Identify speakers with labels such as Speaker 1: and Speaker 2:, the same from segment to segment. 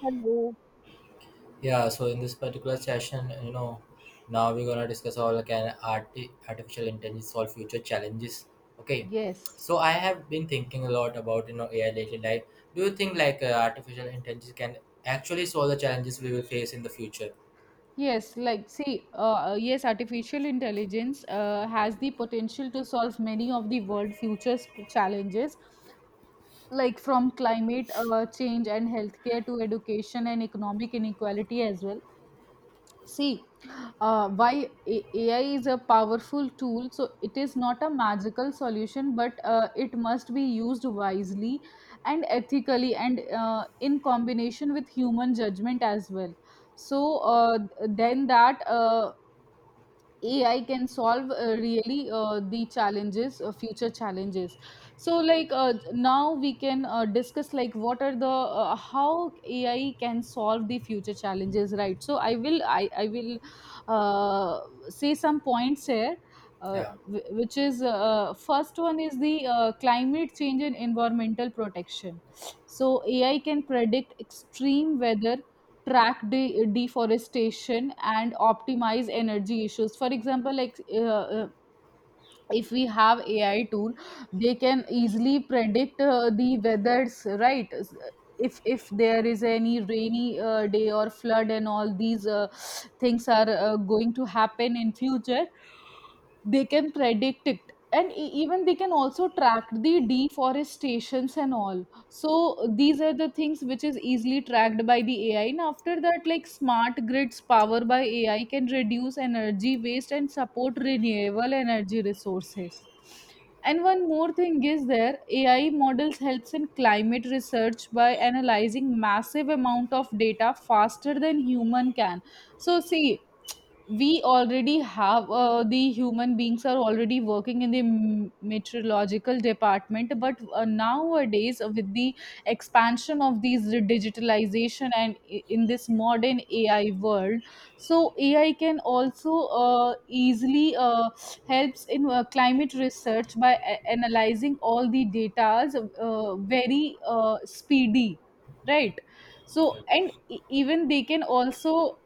Speaker 1: Hello.
Speaker 2: Yeah, so in this particular session, now we're gonna discuss how can artificial intelligence solve future challenges. Okay,
Speaker 1: Yes.
Speaker 2: so I have been thinking a lot about AI lately. Like, do you think like artificial intelligence can actually solve the challenges we will face in the future?
Speaker 1: Yes, artificial intelligence has the potential to solve many of the world futures challenges, like from climate change and healthcare to education and economic inequality as well. See, AI is a powerful tool, so it is not a magical solution, but it must be used wisely and ethically, and in combination with human judgment as well. So, then that AI can solve really the challenges, future challenges. So, now we can discuss what are the how AI can solve the future challenges, right? So, I will uh, say some points here.
Speaker 2: Yeah,
Speaker 1: Wh- which is first one is the climate change and environmental protection, so AI can predict extreme weather, track deforestation, and optimize energy issues. For example, if we have AI tool, they can easily predict the weathers, right? If there is any rainy day or flood and all these things are going to happen in future, they can predict it. And even they can also track the deforestations and all. So these are the things which is easily tracked by the AI. And after that, like smart grids powered by AI can reduce energy waste and support renewable energy resources. And one more thing is there, AI models helps in climate research by analyzing massive amount of data faster than human can. So see, we already have, the human beings are already working in the meteorological department, but nowadays, with the expansion of these digitalization, and in this modern AI world, so AI can also easily helps in climate research by analyzing all the datas very speedy, right?
Speaker 2: yeah,
Speaker 1: So, and even they can also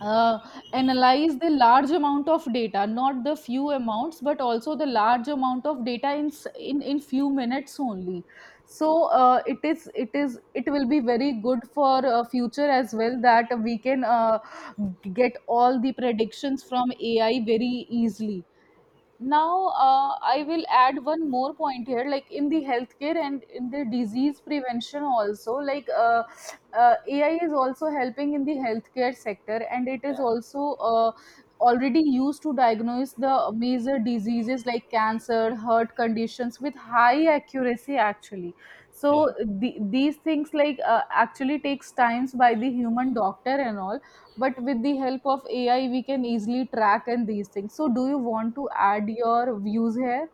Speaker 1: uh, analyze the large amount of data, not the few amounts, but also the large amount of data in few minutes only. So it will be very good for future as well, that we can get all the predictions from AI very easily. Now, I will add one more point here, like in the healthcare and in the disease prevention also, like AI is also helping in the healthcare sector, and it is
Speaker 2: yeah,
Speaker 1: also already used to diagnose the major diseases like cancer, heart conditions, with high accuracy actually. So
Speaker 2: yeah.
Speaker 1: these things, actually takes times by the human doctor and all, but with the help of AI we can easily track and these things. So do you want to add your views here?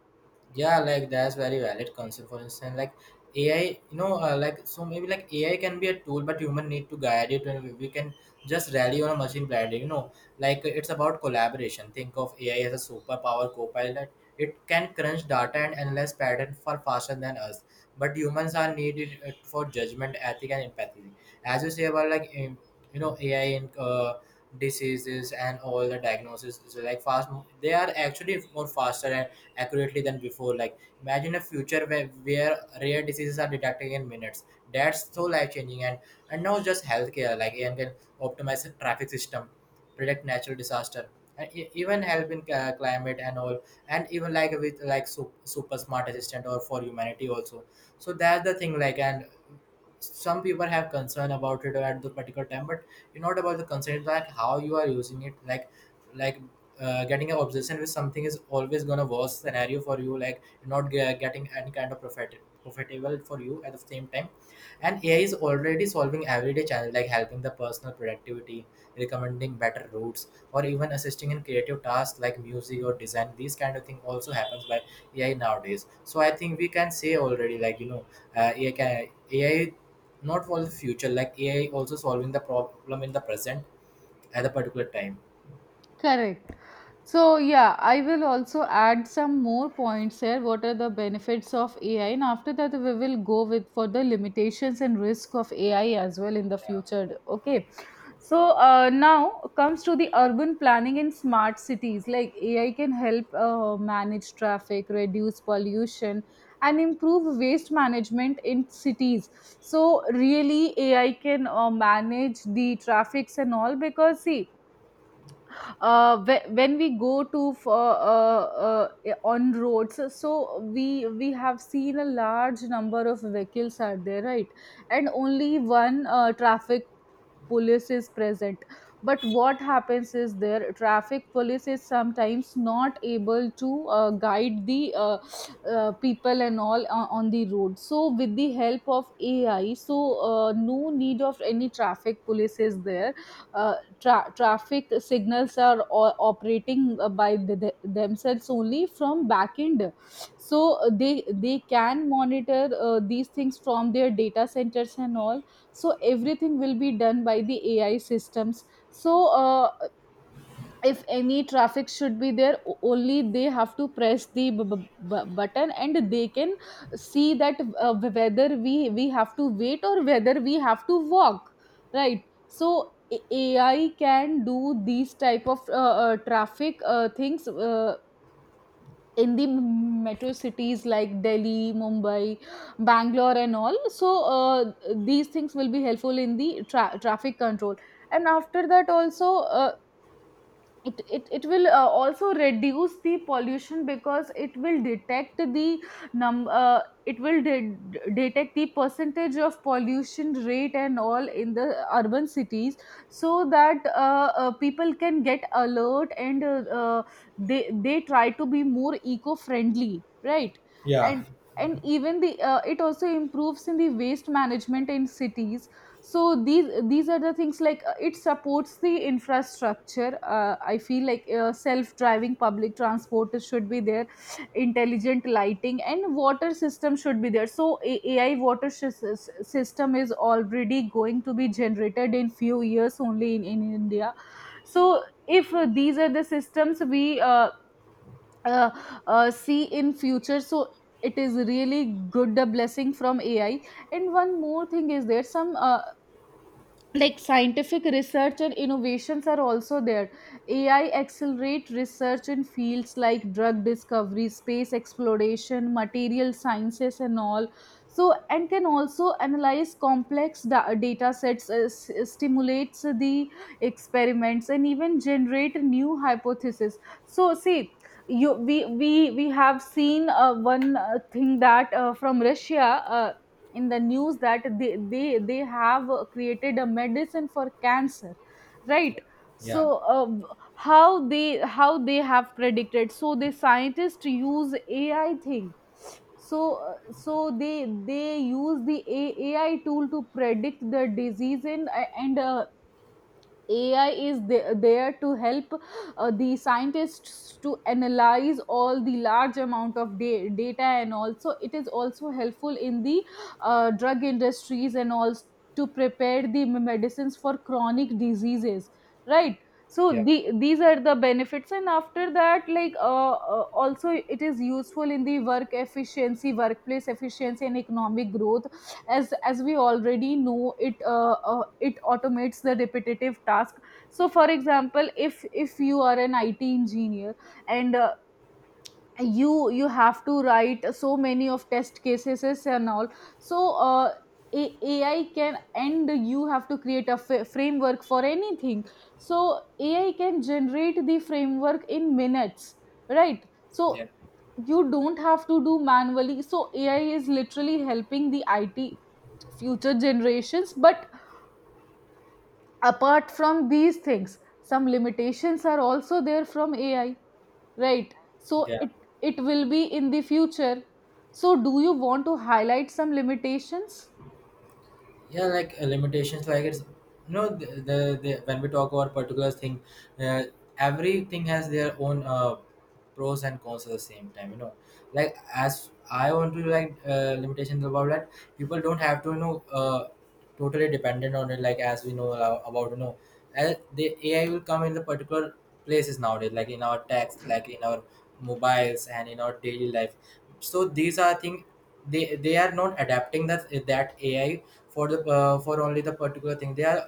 Speaker 2: Yeah, like that's very valid concept. For instance, like AI, like, so maybe like AI can be a tool, but human need to guide it, and we can just rally on a machine blindly, you know. Like, it's about collaboration. Think of AI as a superpower co-pilot. It can crunch data and analyze pattern far faster than us, but humans are needed for judgment, ethic and empathy. As you say about like you know, AI in diseases and all the diagnosis, so like fast, they are actually more faster, accurately than before. Like imagine a future where rare diseases are detected in minutes. That's so life changing. And not just healthcare. Like AI can optimize the traffic system, predict natural disaster, and even help in climate and all. And even like with like super, super smart assistant or for humanity also. So that's the thing. Like, and some people have concern about it at the particular time, but you're not about the concern, it's like how you are using it. Like getting an obsession with something is always gonna worst scenario for you, like not getting any kind of profit, profitable for you at the same time. And AI is already solving everyday challenge, like helping the personal productivity, recommending better routes, or even assisting in creative tasks like music or design. These kind of thing also happens by AI nowadays. So I think we can say already, like, AI, not for the future, like AI also solving the problem in the present at a particular time.
Speaker 1: Correct. So, yeah, I will also add some more points here. What are the benefits of AI? And after that, we will go with for the limitations and risk of AI as well in the future. Okay. So now comes to the urban planning in smart cities. Like AI can help manage traffic, reduce pollution, and improve waste management in cities. So really, AI can manage the traffics and all because see, when we go to for, on roads, so we have seen a large number of vehicles are there, right? And only one traffic police is present, but what happens is there, traffic police is sometimes not able to guide the people and all on the road. So with the help of AI, so no need of any traffic police is there. uh, Traffic signals are operating by themselves only from backend. So they can monitor these things from their data centers and all. So everything will be done by the AI systems. So if any traffic should be there, only they have to press the button and they can see that whether we have to wait or whether we have to walk, right? So AI can do these type of traffic things in the metro cities like Delhi, Mumbai, Bangalore and all. So uh, these things will be helpful in the traffic control. And after that also, uh, it will also reduce the pollution, because it will detect the num it will de- detect the percentage of pollution rate and all in the urban cities, so that people can get alert, and they try to be more eco friendly, right? and and even the, it also improves in the waste management in cities. So these are the things, it supports the infrastructure. I feel like self driving public transport should be there, intelligent lighting and water system should be there. So AI water system is already going to be generated in few years only in India. So if these are the systems we uh, see in future, so it is really good, a blessing from AI. And one more thing is there, some scientific research and innovations are also there. AI accelerate research in fields like drug discovery, space exploration, material sciences and all. So, and can also analyze complex data sets, stimulates the experiments, and even generate new hypotheses. So see, you we have seen one thing that from Russia, in the news, that they have created a medicine for cancer, right? So
Speaker 2: Yeah,
Speaker 1: how they have predicted? So the scientists use AI thing. So uh, so they they use the AI tool to predict the disease. And AI is there to help the scientists to analyze all the large amount of data. And also it is also helpful in the drug industries, and also to prepare the medicines for chronic diseases, right?
Speaker 2: yeah,
Speaker 1: So these are the benefits. And after that, also it is useful in the work efficiency, workplace efficiency, and economic growth. As we already know it, it automates the repetitive task. So for example, if you are an IT engineer, and you you have to write so many of test cases and all, so AI can, and you have to create a framework for anything, so AI can generate the framework in minutes, right? So
Speaker 2: yeah,
Speaker 1: you don't have to do manually. So AI is literally helping the IT future generations. But apart from these things, some limitations are also there from AI, right? So
Speaker 2: yeah,
Speaker 1: it will be in the future. So do you want to highlight some limitations?
Speaker 2: yeah, like limitations, like it's no, the when we talk about particular thing, uh, everything has their own pros and cons at the same time, you know. Like, as I want to like limitations about that, people don't have to totally dependent on it. Like as we know about the AI will come in the particular places nowadays, like in our text, like in our mobiles and in our daily life. So these are things, they are not adapting that, that AI. For the for only the particular thing, they are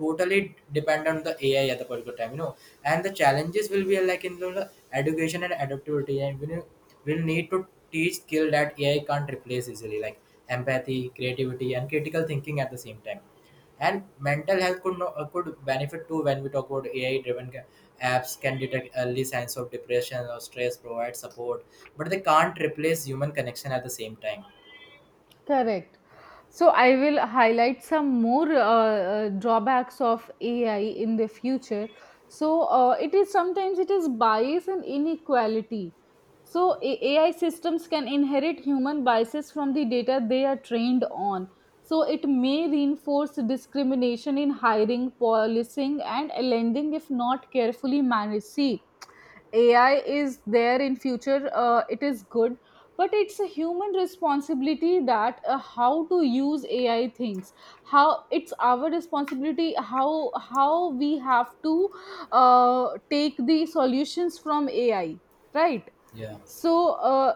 Speaker 2: totally dependent on the AI at the particular time, you know. And the challenges will be like in the education and adaptability, and we will need to teach skill that AI can't replace easily, like empathy, creativity and critical thinking at the same time. And mental health could no, could benefit too when we talk about AI-driven apps can detect early signs of depression or stress, provide support, but they can't replace human connection at the same time.
Speaker 1: Correct. So I will highlight some more drawbacks of AI in the future. So it is sometimes it is bias and inequality. So AI systems can inherit human biases from the data they are trained on. So it may reinforce discrimination in hiring, policing, and lending if not carefully managed. See, AI is there in future, it is good, but it's a human responsibility that how to use AI things. How it's our responsibility, how we have to take the solutions from AI, right?
Speaker 2: Yeah,
Speaker 1: So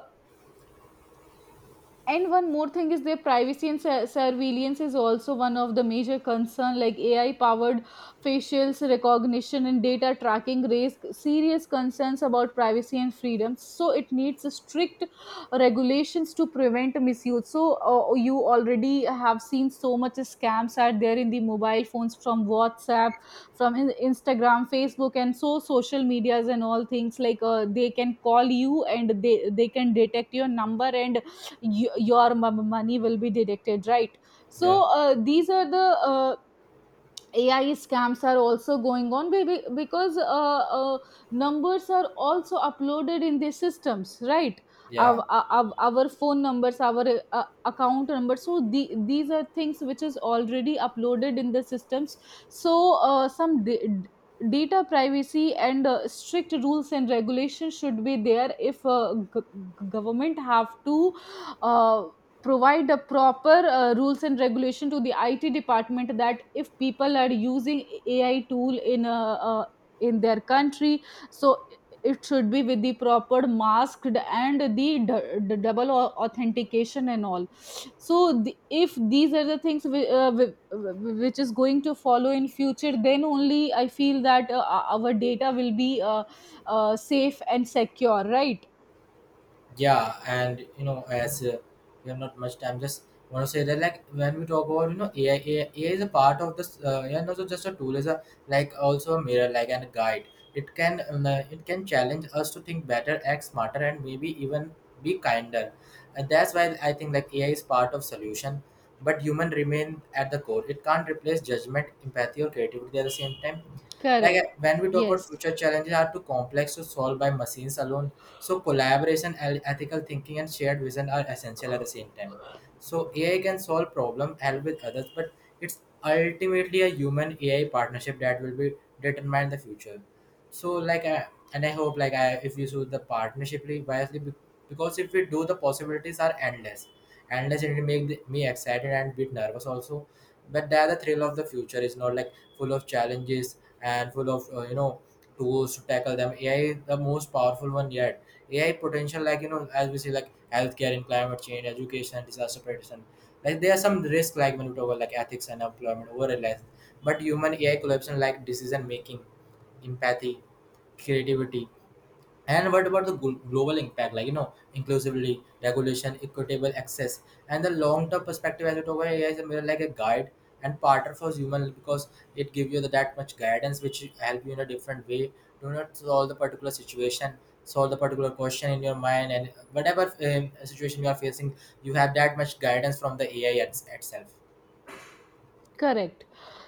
Speaker 1: and one more thing is their privacy and surveillance is also one of the major concern, like AI powered facials recognition and data tracking raise serious concerns about privacy and freedom. So it needs strict regulations to prevent misuse. So you already have seen so much scams are there in the mobile phones, from WhatsApp, from Instagram, Facebook, and so social medias and all things. Like they can call you and they can detect your number, and you, your money will be deducted, right?
Speaker 2: yeah,
Speaker 1: So these are the uh, AI scams are also going on, baby, because uh, numbers are also uploaded in the systems, right?
Speaker 2: yeah,
Speaker 1: Our, our phone numbers, our account numbers. So these are things which is already uploaded in the systems. So data privacy and strict rules and regulations should be there. If government have to uh, provide a proper rules and regulation to the IT department, that if people are using AI tool in a, in their country, so it should be with the proper masked, and the double authentication and all. So if these are the things which is going to follow in future, then only I feel that our data will be safe and secure, right?
Speaker 2: yeah. And you know, as we have not much time, just want to say that, like when we talk about you know, AI, is a part of this and also just a tool, is a like also a mirror, like, and a guide. It can it can challenge us to think better, act smarter, and maybe even be kinder. And that's why I think like AI is part of solution, but human remain at the core. It can't replace judgment, empathy or creativity at the same time. Like
Speaker 1: Correct.
Speaker 2: when we talk about
Speaker 1: Yes.
Speaker 2: future challenges are too complex to solve by machines alone, so collaboration, ethical thinking, and shared vision are essential at the same time. So AI can solve problem, help with others, but it's ultimately a human AI partnership that will be determine the future. So like, I, and I hope like I, if you choose the partnership wisely, because if we do, the possibilities are endless. Endless, and it make the, me excited and bit nervous also, but there the thrill of the future is not like full of challenges, and full of you know, tools to tackle them. AI is the most powerful one yet. AI potential, like you know, as we see, like healthcare and climate change, education, disaster prediction. Like there are some risks, like when we talk about like ethics and employment overall life. But human AI collaboration, like decision making, empathy, creativity, and what about the global impact, like you know, inclusively, regulation, equitable access, and the long-term perspective. As it over, AI is more like a guide and partner for human, because it give you the, that much guidance which help you in a different way. Do not solve the particular situation, solve the particular question in your mind, and whatever situation you are facing, you have that much guidance from the AI itself.
Speaker 1: Correct.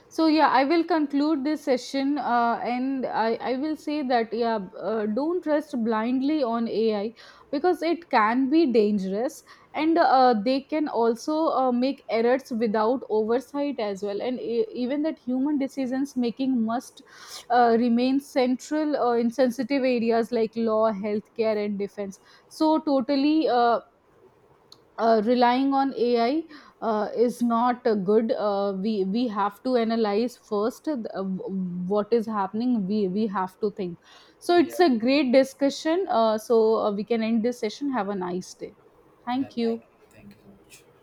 Speaker 1: So yeah, I will conclude this session, and I will say that yeah, don't trust blindly on AI, because it can be dangerous, and they can also make errors without oversight as well. And even that human decisions making must remain central in sensitive areas like law, healthcare, and defense. So totally, relying on AI is not good. We have to analyze first, what is happening. We have to think. So it's
Speaker 2: Yeah,
Speaker 1: a great discussion. We can end this session. Have a nice day.
Speaker 2: yeah.
Speaker 1: Thank you.
Speaker 2: Thank you so much.